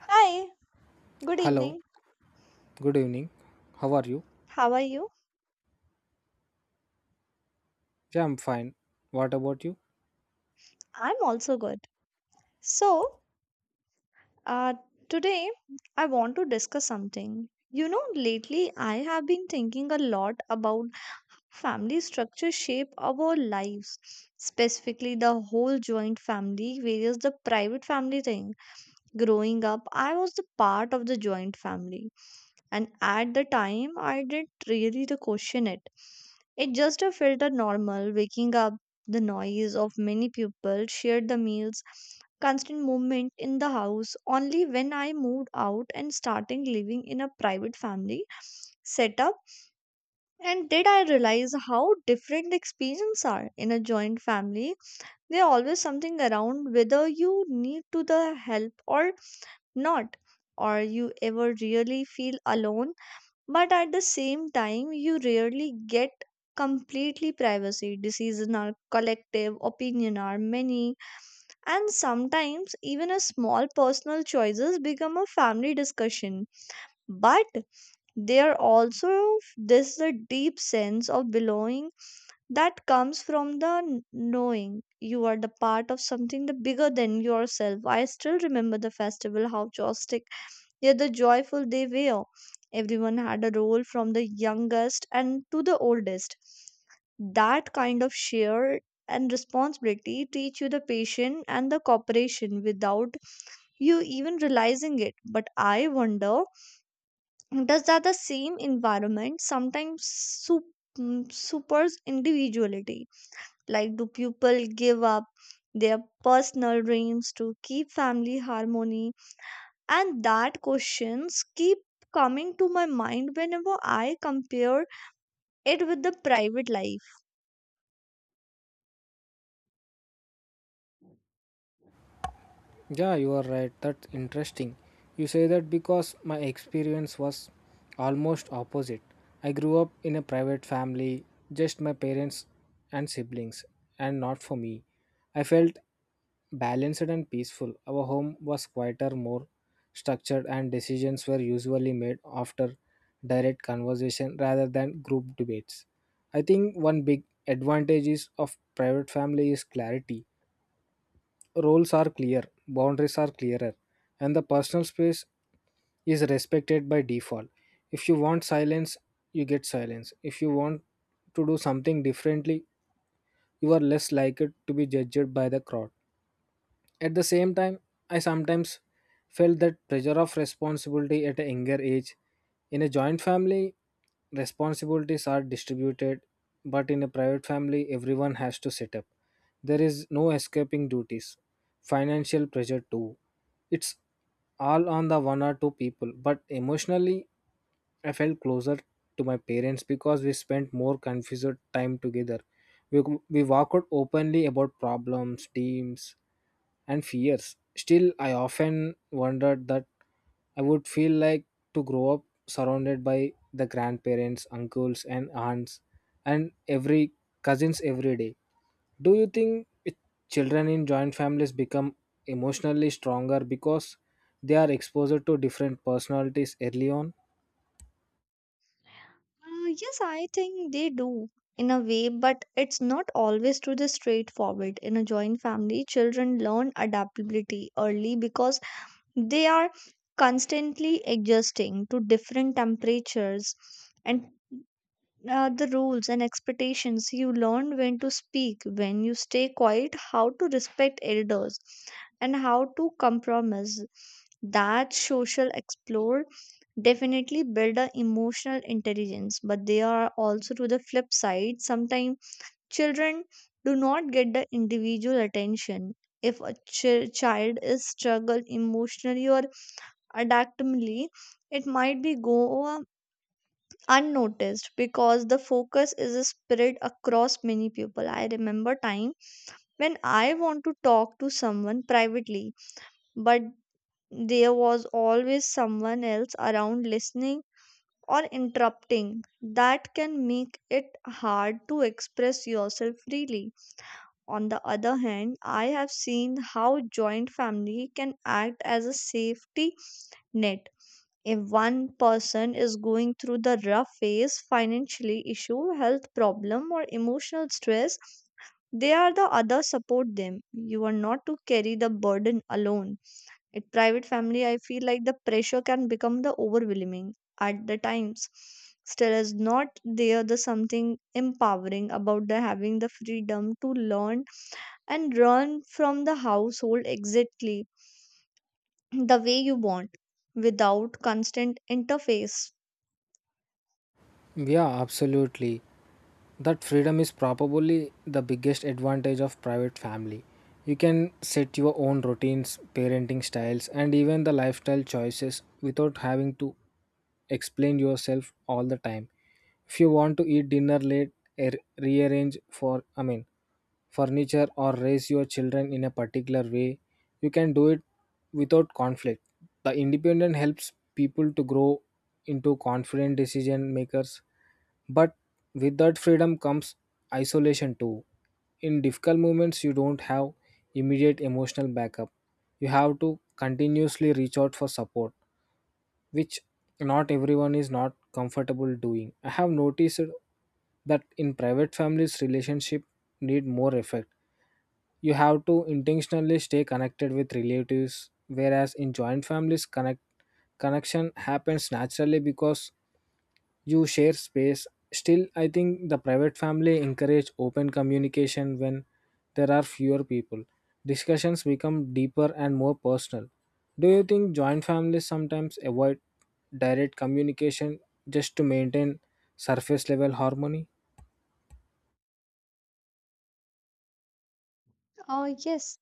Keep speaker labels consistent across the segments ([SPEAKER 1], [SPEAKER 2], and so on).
[SPEAKER 1] Hi, good
[SPEAKER 2] Hello,
[SPEAKER 1] evening.
[SPEAKER 2] good evening. How are you?
[SPEAKER 1] How are you?
[SPEAKER 2] Yeah, I'm fine. What about you?
[SPEAKER 1] I'm also good. So, uh, today I want to discuss something. You know, lately I have been thinking a lot about family structure shape of our lives, specifically the whole joint family versus the private family thing. Growing up, I was the part of the joint family, and at the time, I didn't really to question it. It just felt normal waking up, the noise of many people, shared the meals, constant movement in the house. Only when I moved out and starting living in a private family setup, and did I realize how different the experiences are in a joint family. There always something around whether you need to the help or not, or you ever really feel alone, but at the same time you rarely get completely privacy. Decisions are collective, opinion are many, and sometimes even a small personal choices become a family discussion. But there also this the deep sense of belonging that comes from the knowing you are the part of something the bigger than yourself. I still remember the festival how joystick yet the joyful they were. Everyone had a role from the youngest and to the oldest. That kind of share and responsibility teach you the patience and the cooperation without you even realizing it. But I wonder, does that the same environment sometimes supers individuality? Like, do people give up their personal dreams to keep family harmony? And that questions keep coming to my mind whenever I compare it with the private life.
[SPEAKER 2] Yeah, you are right. That's interesting. You say that because my experience was almost opposite. I grew up in a private family, just my parents and siblings, and not for me. I felt balanced and peaceful. Our home was quieter, more structured, and decisions were usually made after direct conversation rather than group debates. I think one big advantage is of private family is clarity. Roles are clear, boundaries are clearer, and the personal space is respected by default. If you want silence, you get silence. If you want to do something differently, you are less likely to be judged by the crowd. At the same time, I sometimes felt that pressure of responsibility at a younger age. In a joint family, responsibilities are distributed, but in a private family, everyone has to set up. There is no escaping duties. Financial pressure, too. It's all on the one or two people, but emotionally, I felt closer to my parents because we spent more confused time together. We, we walked openly about problems, teams, and fears. Still, I often wondered that I would feel like to grow up surrounded by the grandparents, uncles, and aunts, and every cousins every day. Do you think it- Children in joint families become emotionally stronger because they are exposed to different personalities early on?
[SPEAKER 1] Yes, I think they do in a way, but it's not always to the straightforward. In a joint family, children learn adaptability early because they are constantly adjusting to different temperatures and the rules and expectations. You learn when to speak, when you stay quiet, how to respect elders, and how to compromise. That social explore definitely build a emotional intelligence, but they are also to the flip side. Sometimes children do not get the individual attention. If a child is struggled emotionally or adaptively, it might be go unnoticed because the focus is spread across many people. I remember time when I want to talk to someone privately, but there was always someone else around listening or interrupting. That can make it hard to express yourself freely. On the other hand, I have seen how joint family can act as a safety net if one person is going through the rough phase, financially issue, health problem, or emotional stress, they are the other support them. You are not to carry the burden alone. At private family, I feel like the pressure can become the overwhelming at the times. Still is not there the something empowering about the having the freedom to learn and run from the household exactly the way you want without constant interface.
[SPEAKER 2] Yeah, absolutely. That freedom is probably the biggest advantage of private family. You can set your own routines, parenting styles, and even the lifestyle choices without having to explain yourself all the time if you want to eat dinner late, er, rearrange for furniture or raise your children in a particular way, you can do it without conflict. The independent helps people to grow into confident decision makers, but with that freedom comes isolation too. In difficult moments you don't have immediate emotional backup. You have to continuously reach out for support, which not everyone is not comfortable doing. I have noticed that in private families relationship need more effort. You have to intentionally stay connected with relatives, whereas in joint families connection happens naturally because you share space. Still, I think the private family encourage open communication. When there are fewer people, discussions become deeper and more personal. Do you think joint families sometimes avoid direct communication just to maintain surface level harmony?
[SPEAKER 1] Yes,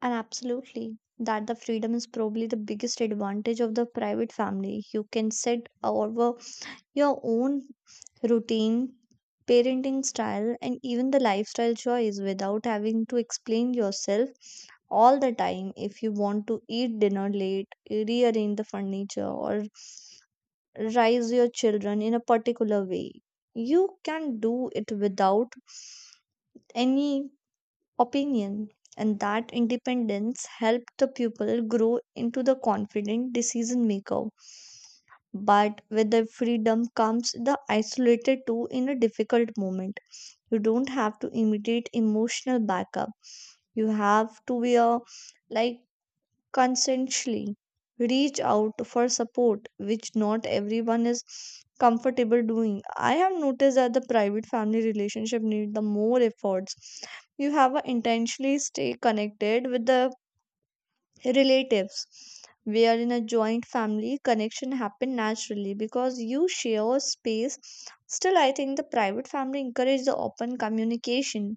[SPEAKER 1] and absolutely. That the freedom is probably the biggest advantage of the private family. You can set over your own routine, parenting style, and even the lifestyle choice without having to explain yourself all the time. If you want to eat dinner late, rearrange the furniture, or raise your children in a particular way, you can do it without any opinion, and that independence helped the pupil grow into the confident decision maker. But with the freedom comes the isolated too. In a difficult moment, you don't have to imitate emotional backup. You have to be a, like, consensually reach out for support, which not everyone is comfortable doing. I have noticed that the private family relationship need the more efforts. You have to intentionally stay connected with the relatives. We are in a joint family, connection happen naturally because you share space. Still I think the private family encourage the open communication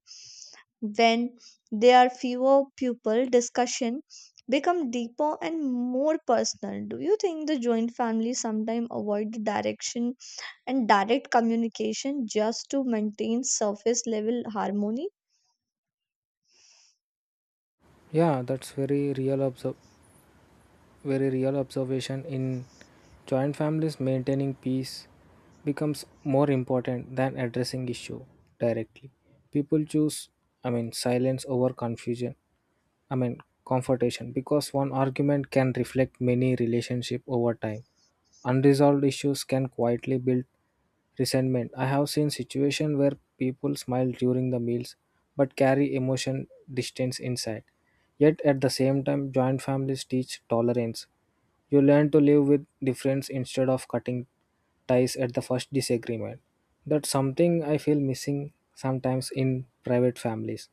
[SPEAKER 1] when there are fewer people discussion become deeper and more personal. Do you think the joint family sometimes avoid the direction and direct communication just to maintain surface level harmony?
[SPEAKER 2] Yeah, that's very real observation. In joint families, maintaining peace becomes more important than addressing issue directly. People choose, silence over confusion. I mean, confrontation, because one argument can reflect many relationship over time. Unresolved issues can quietly build resentment. I have seen situations where people smile during the meals but carry emotion distance inside. Yet at the same time, joint families teach tolerance. You learn to live with difference instead of cutting ties at the first disagreement. That's something I feel missing sometimes in private families,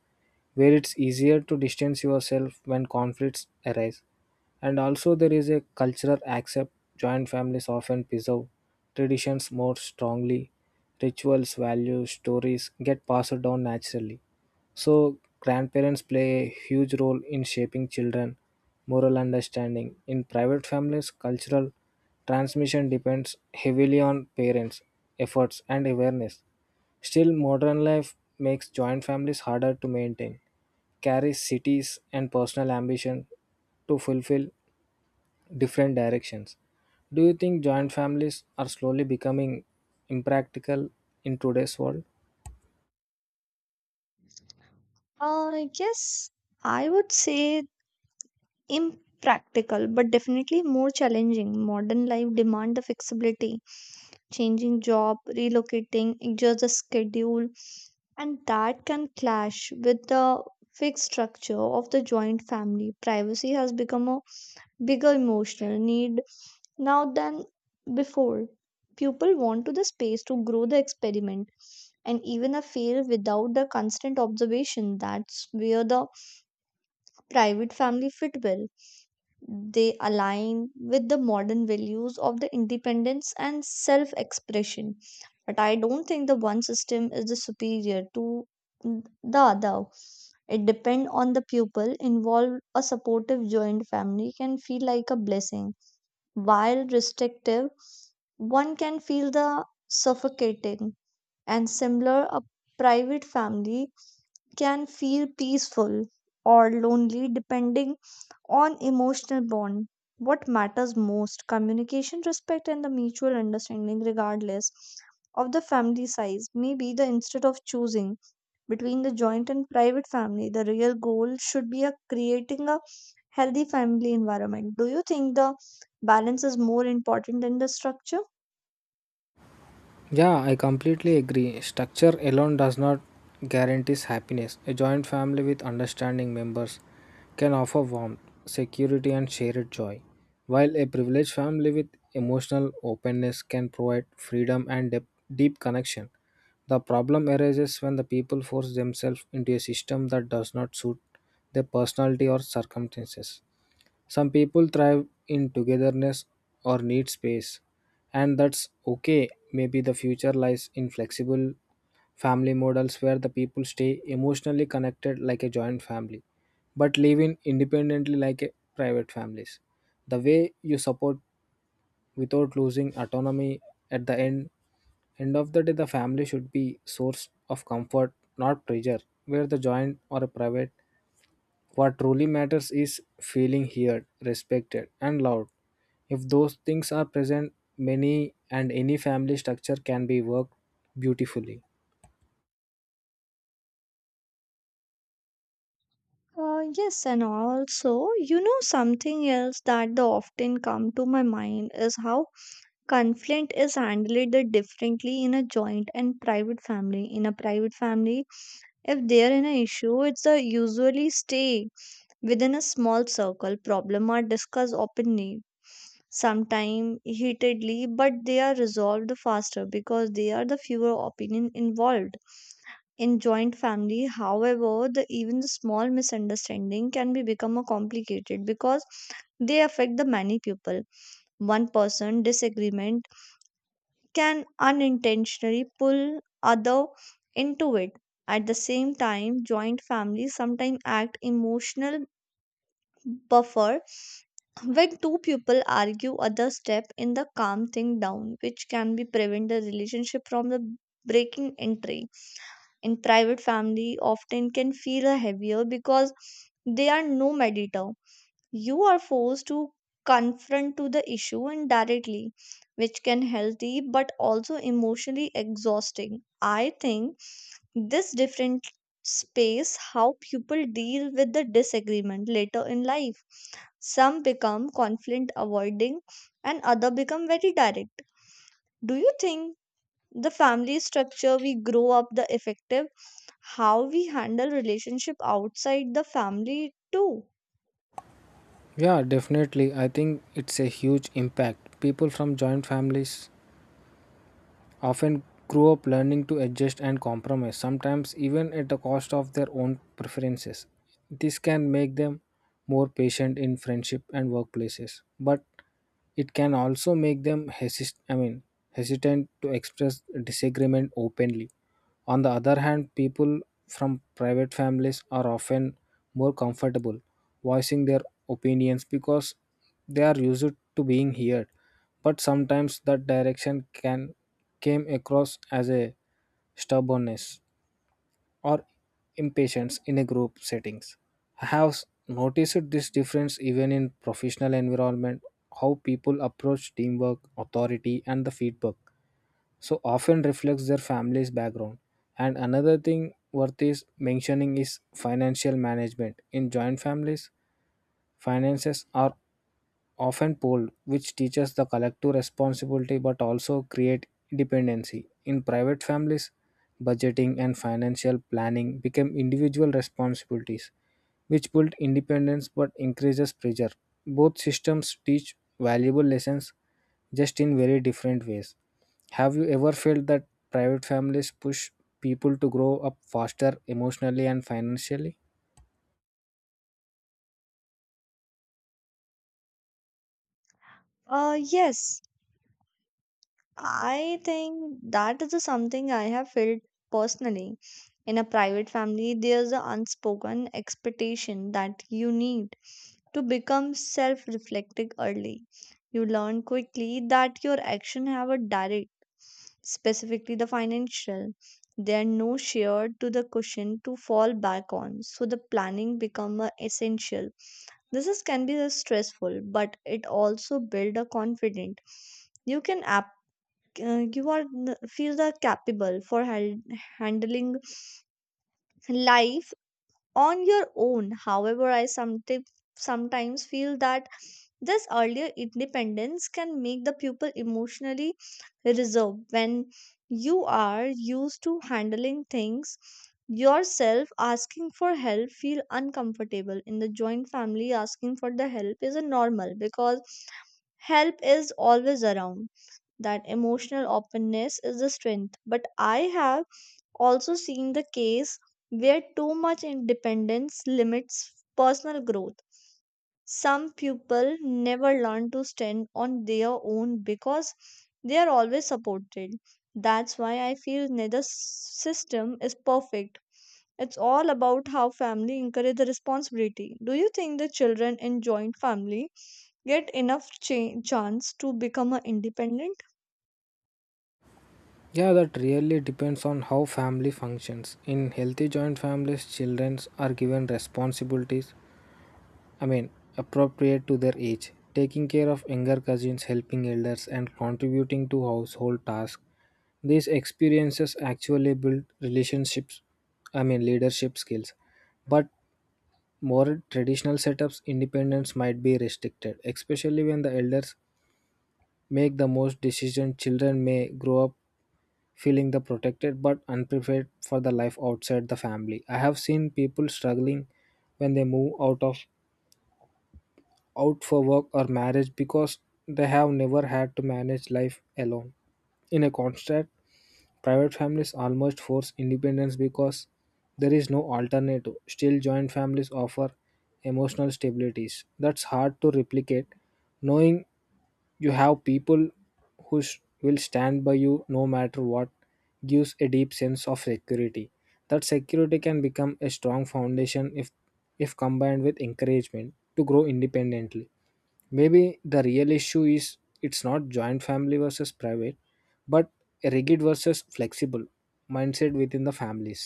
[SPEAKER 2] where it's easier to distance yourself when conflicts arise. And also there is a cultural accept. Joint families often preserve traditions more strongly. Rituals, values, stories get passed down naturally. So grandparents play a huge role in shaping children moral understanding. In private families, cultural transmission depends heavily on parents' efforts and awareness. Still, modern life makes joint families harder to maintain, carries cities and personal ambition to fulfill different directions. Do you think joint families are slowly becoming impractical in today's world?
[SPEAKER 1] uh, yes, I would say impractical but definitely more challenging. Modern life demand the flexibility, changing job, relocating, adjust the schedule, and that can clash with the fixed structure of the joint family. Privacy has become a bigger emotional need now than before. People want to the space to grow the experiment and even a fail without the constant observation. That's where the private family fit well. They align with the modern values of the independence and self expression. But I don't think the one system is the superior to the other. It depends on the pupil involved. A supportive joint family can feel like a blessing, while restrictive, one can feel the suffocating. And similar, a private family can feel peaceful or lonely depending on emotional bond. What matters most, communication, respect, and the mutual understanding, regardless of the family size. Maybe the instead of choosing between the joint and private family, the real goal should be a creating a healthy family environment. Do you think the balance is more important than the structure?
[SPEAKER 2] Yeah, I completely agree. Structure alone does not guarantee happiness. A joint family with understanding members can offer warmth, security, and shared joy, while a privileged family with emotional openness can provide freedom and deep connection. The problem arises when the people force themselves into a system that does not suit their personality or circumstances. Some people thrive in togetherness or need space, and that's okay. Maybe the future lies in flexible family models where the people stay emotionally connected like a joint family, but live in independently like a private families. The way you support without losing autonomy. At the end of the day, the family should be source of comfort, not pressure, where the joint or a private. What truly matters is feeling heard, respected and loved. If those things are present, many and any family structure can be worked beautifully.
[SPEAKER 1] Yes, and also, something else that the often come to my mind is how conflict is handled differently in a joint and private family. In a private family, if there is an issue, it's a usually stay within a small circle. Problem are discussed openly, sometimes heatedly, but they are resolved faster because they are the fewer opinion involved. In joint family, however, the even the small misunderstanding can be become a complicated because they affect the many people. One person disagreement can unintentionally pull other into it. At the same time, joint families sometimes act emotional buffer. When two people argue, other step in the calm thing down, which can be prevent the relationship from the breaking entry. In private family often can feel heavier because they are no mediator. You are forced to confront to the issue indirectly, which can healthy but also emotionally exhausting. I think this different space how people deal with the disagreement later in life. Some become conflict avoiding, and other become very direct. Do you think the family structure we grow up the effective how we handle relationship outside the family too?
[SPEAKER 2] Yeah, definitely. I think it's a huge impact. People from joint families often grew up learning to adjust and compromise, sometimes even at the cost of their own preferences. This can make them more patient in friendship and workplaces, but it can also make them hesitant to express disagreement openly. On the other hand, people from private families are often more comfortable voicing their opinions because they are used to being heard, but sometimes that direction can came across as a stubbornness or impatience in a group settings. I have noticed this difference even in professional environment, how people approach teamwork, authority, and the feedback. So often reflects their family's background. And another thing worth is mentioning is financial management. In joint families, finances are often pooled, which teaches the collective responsibility but also create dependency. In private families, budgeting and financial planning become individual responsibilities, which build independence but increases pressure. Both systems teach valuable lessons, just in very different ways. Have you ever felt that private families push people to grow up faster emotionally and financially?
[SPEAKER 1] Yes, I think that is something I have felt personally. In a private family, there's an unspoken expectation that you need to become self reflective early. You learn quickly that your actions have a direct, specifically the financial. There are no shared to the cushion to fall back on, so the planning become a essential. This is, can be a stressful, but it also build a confident. You can you are feel the capable for handling life on your own. However, I sometimes feel that this earlier independence can make the pupil emotionally reserved. When you are used to handling things yourself, asking for help feel uncomfortable. In the joint family, asking for the help is a normal because help is always around. That emotional openness is the strength. But I have also seen the case where too much independence limits personal growth. Some people never learn to stand on their own because they are always supported. That's why I feel neither system is perfect. It's all about how family encourage the responsibility. Do you think the children in joint family get enough chance to become a independent?
[SPEAKER 2] Yeah, that really depends on how family functions. In healthy joint families, children are given responsibilities, I mean, appropriate to their age, taking care of younger cousins, helping elders, and contributing to household tasks. These experiences actually build relationships, leadership skills. But more traditional setups, independence might be restricted, especially when the elders make the most decision. Children may grow up feeling the protected but unprepared for the life outside the family. I have seen people struggling when they move out for work or marriage because they have never had to manage life alone. In a contrast, private families almost force independence because there is no alternative. Still, joint families offer emotional stabilities that's hard to replicate. Knowing you have people who will stand by you no matter what gives a deep sense of security. That security can become a strong foundation if combined with encouragement to grow independently. Maybe the real issue is it's not joint family versus private, but a rigid versus flexible mindset within the families.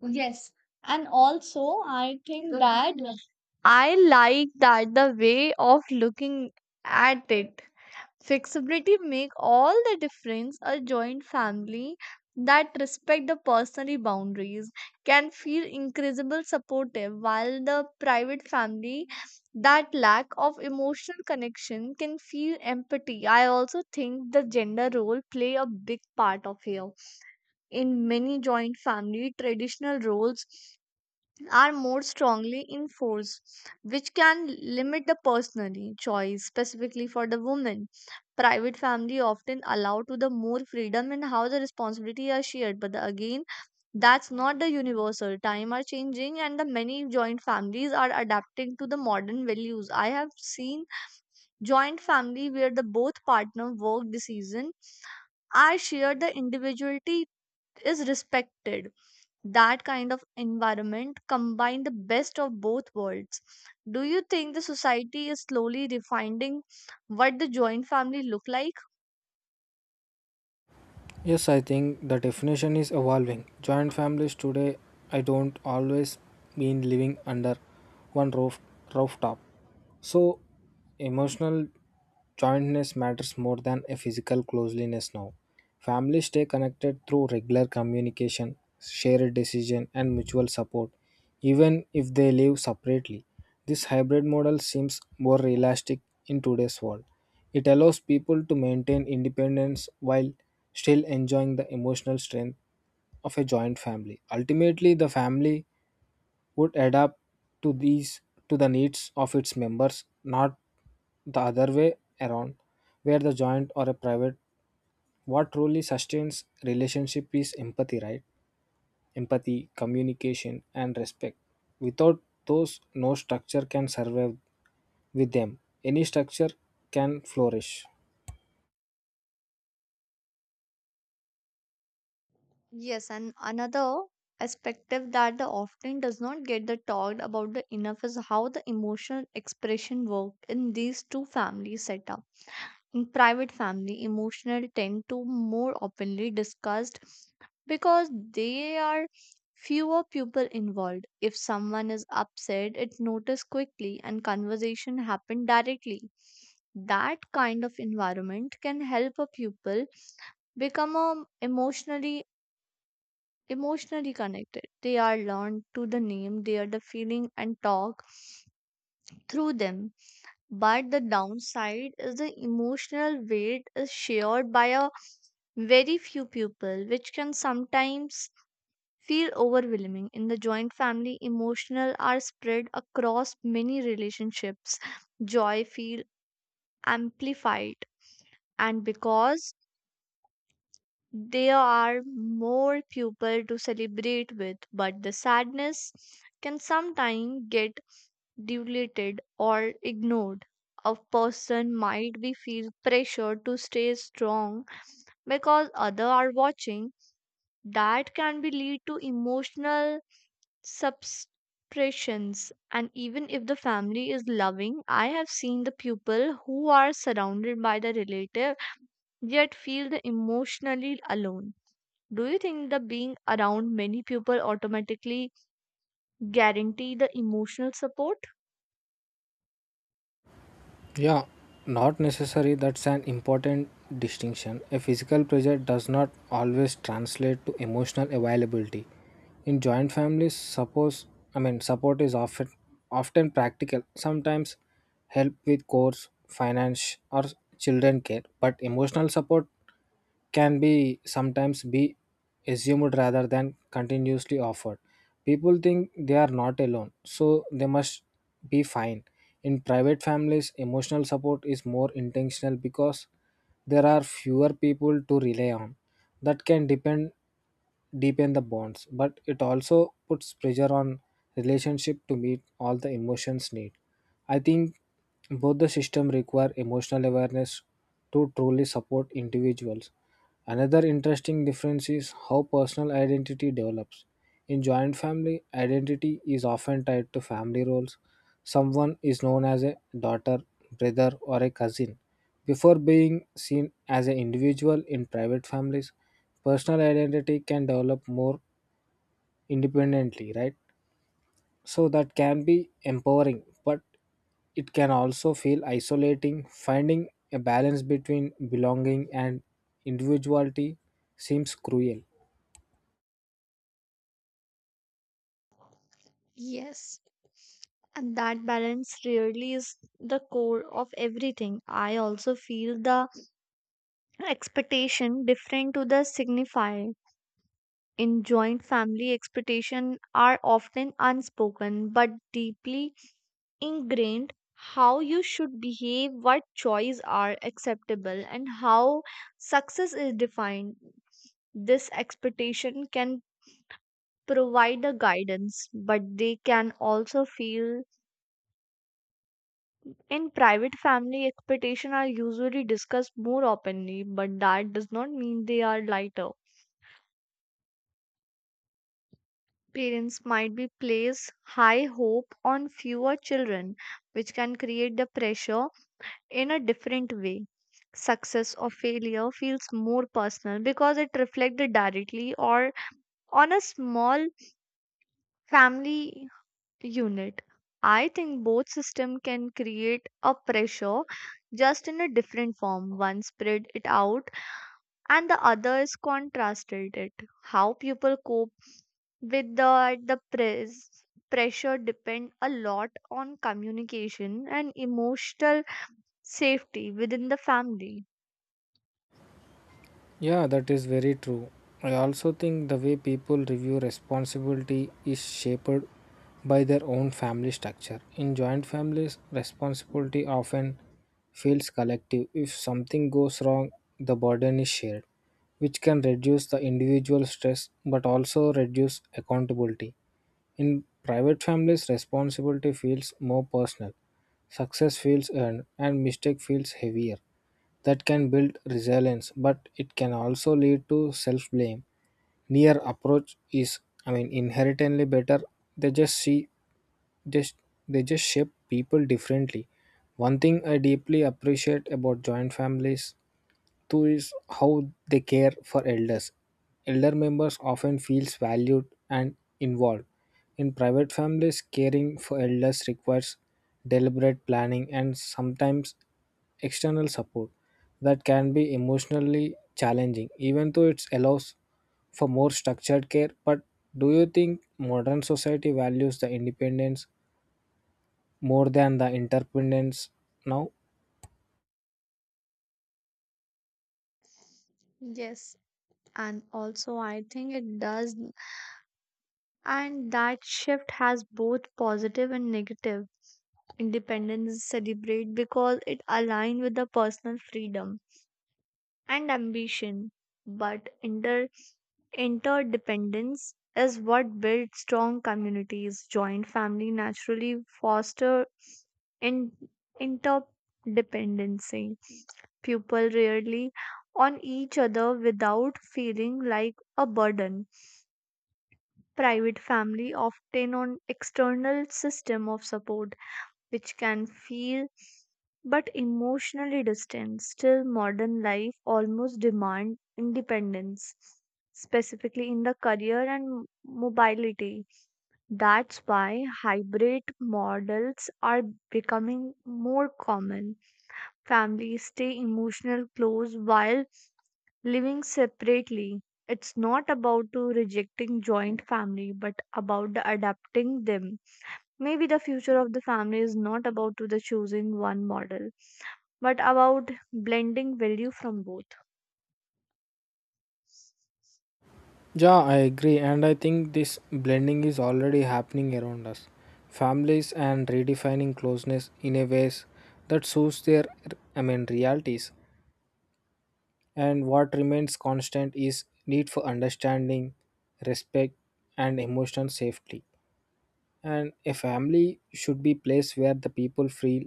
[SPEAKER 1] Yes. And also, I think that I like that the way of looking at it. Flexibility make all the difference. A joint family that respect the personal boundaries can feel incredible supportive, while the private family that lack of emotional connection can feel empathy. I also think the gender role play a big part of here. In many joint family, traditional roles are more strongly enforced, which can limit the personally choice, specifically for the woman. Private family often allow to the more freedom in how the responsibility are shared, but again, that's not the universal. Time are changing, and the many joint families are adapting to the modern values. I have seen joint family where the both partner work decision are shared, the individuality is respected. That kind of environment combine the best of both worlds. Do you think the society is slowly refining what the joint family look like?
[SPEAKER 2] Yes, I think the definition is evolving. Joint families today, I don't always mean living under one roof, rooftop. So, emotional Jointness matters more than a physical closeness now. Families stay connected through regular communication, shared decision, and mutual support, even if they live separately. This hybrid model seems more realistic in today's world. It allows people to maintain independence while still enjoying the emotional strength of a joint family. Ultimately, the family would adapt to these to the needs of its members, not the other way around, where the joint or a private. What truly sustains relationship is empathy, right? Empathy, communication, and respect. Without those, no structure can survive. With them, any structure can flourish.
[SPEAKER 1] Yes, and another perspective that the often does not get the talked about the enough is how the emotional expression work in these two family setup. In private family, emotional tend to more openly discussed because they are fewer people involved. If someone is upset, it noticed quickly and conversation happen directly. That kind of environment can help a pupil become emotionally connected. They are learned to the name, they are the feeling and talk through them. But the downside is the emotional weight is shared by a very few people, which can sometimes feel overwhelming in the joint family emotional are spread across many relationships joy feel amplified and because there are more people to celebrate with, but the sadness can sometimes get diluted or ignored. A person might be feel pressure to stay strong because other are watching. That can be lead to emotional suppressions, and even if the family is loving, I have seen the people who are surrounded by the relative yet feel the emotionally alone. Do you think the being around many people automatically guarantee the emotional support?
[SPEAKER 2] Yeah, not necessary. That's an important distinction. A physical pressure does not always translate to emotional availability. In joint families, suppose support is often practical. Sometimes help with chores, finance, or children care. But emotional support can be sometimes be assumed rather than continuously offered. People think they are not alone, so they must be fine. In private families, emotional support is more intentional because there are fewer people to rely on. That can depend deepen the bonds, but it also puts pressure on relationship to meet all the emotions need. I think both the system require emotional awareness to truly support individuals. Another interesting difference is how personal identity develops. In joint family, identity is often tied to family roles. Someone is known as a daughter, brother, or a cousin before being seen as an individual. In private families, personal identity can develop more independently, right? So that can be empowering, but it can also feel isolating. Finding a balance between belonging and individuality seems cruel.
[SPEAKER 1] Yes. And that balance really is the core of everything. I also feel the expectation different to the signifier in joint family expectation are often unspoken but deeply ingrained, how you should behave, what choices are acceptable, and how success is defined. This expectation can provide a guidance, but they can also feel in private family expectation are usually discussed more openly, but that does not mean they are lighter. Parents might be place high hope on fewer children, which can create the pressure in a different way. Success or failure feels more personal because it reflected directly or on a small family unit. I think both system can create a pressure just in a different form. One spread it out and the other is contrasted it. How people cope without the pressure depend a lot on communication and emotional safety within the family.
[SPEAKER 2] Yeah, that is very true. I also think the way people review responsibility is shaped by their own family structure. In joint families, responsibility often feels collective. If something goes wrong, the burden is shared, which can reduce the individual stress but also reduce accountability. In private families, responsibility feels more personal. Success feels earned and mistake feels heavier. That can build resilience, but it can also lead to self blame. Near approach is, inherently better. They just see just they just shape people differently. One thing I deeply appreciate about joint families too is how they care for elders. Elder members often feels valued and involved. In private families, caring for elders requires deliberate planning and sometimes external support. That can be emotionally challenging, even though it allows for more structured care. But do you think modern society values the independence more than the interdependence now?
[SPEAKER 1] Yes, and also I think it does, and that shift has both positive and negative. Independence is celebrate because it align with the personal freedom and ambition, but interdependence is what builds strong communities. Joint family naturally foster in- interdependency. People rarely on each other without feeling like a burden. Private family often on external system of support which can feel but emotionally distant. Still, modern life almost demands independence, specifically in the career and mobility. That's why hybrid models are becoming more common. Families stay emotional close while living separately. It's not about to rejecting joint family, but about the adapting them. Maybe the future of the family is not about to the choosing one model, but about blending value from both.
[SPEAKER 2] Yeah, I agree, and I think this blending is already happening around us. Families and redefining closeness in a ways that suits their, realities. And what remains constant is need for understanding, respect, and emotional safety. And a family should be place where the people feel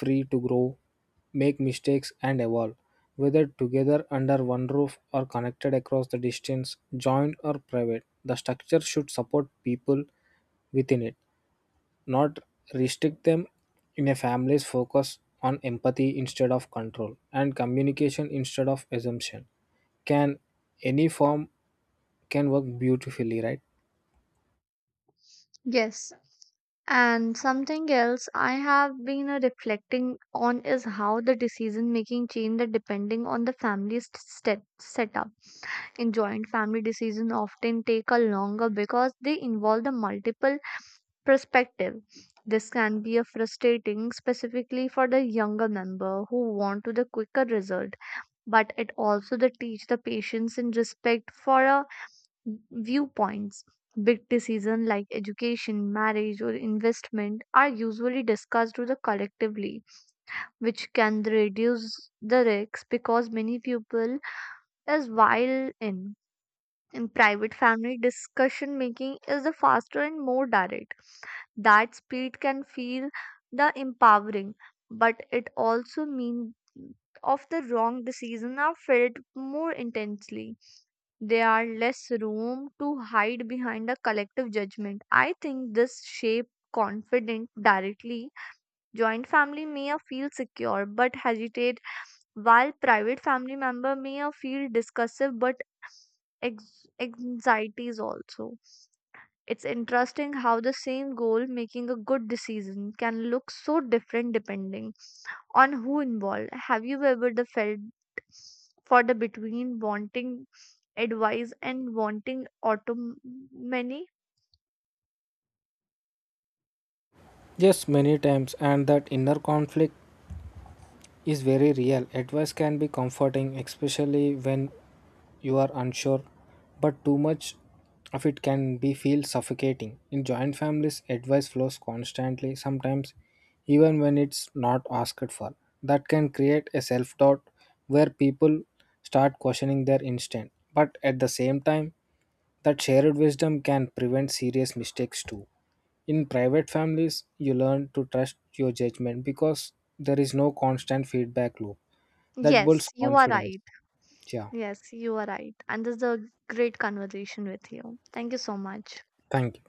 [SPEAKER 2] free to grow, make mistakes and evolve, whether together under one roof or connected across the distance, joint or private. The structure should support people within it, not restrict them. In a family's focus on empathy instead of control and communication instead of assumption, can any form can work beautifully, right?
[SPEAKER 1] Yes. And something else I have been reflecting on is how the decision making change depending on the family's step setup. In joint family decisions often take a longer because they involve the multiple perspective. This can be a frustrating specifically for the younger member who want to the quicker result, but it also the teach the patience and respect for our viewpoints. Big decisions like education, marriage, or investment are usually discussed with the collectively, which can reduce the risks because many people is while in. In private family discussion making is the faster and more direct. That speed can feel the empowering, but it also means of the wrong decision are felt more intensely. They are less room to hide behind a collective judgment. I think this shape confident directly joint family may a feel secure but hesitate while private family member may a feel discussive but anxieties also. It's interesting how the same goal making a good decision can look so different depending on who involved. Have you ever the felt for the between wanting advice and wanting autonomy?
[SPEAKER 2] Yes, many times, and that inner conflict is very real. Advice can be comforting, especially when you are unsure, but too much of it can be feel suffocating. In joint families, advice flows constantly, sometimes even when it's not asked for. That can create a self doubt where people start questioning their instinct. But at the same time, that shared wisdom can prevent serious mistakes too. In private families, you learn to trust your judgment because there is no constant feedback loop that builds
[SPEAKER 1] Yes, you are
[SPEAKER 2] confidence.
[SPEAKER 1] right.
[SPEAKER 2] Yeah,
[SPEAKER 1] Yes, you are right. And this is a great conversation with you. Thank you so much.
[SPEAKER 2] thank you.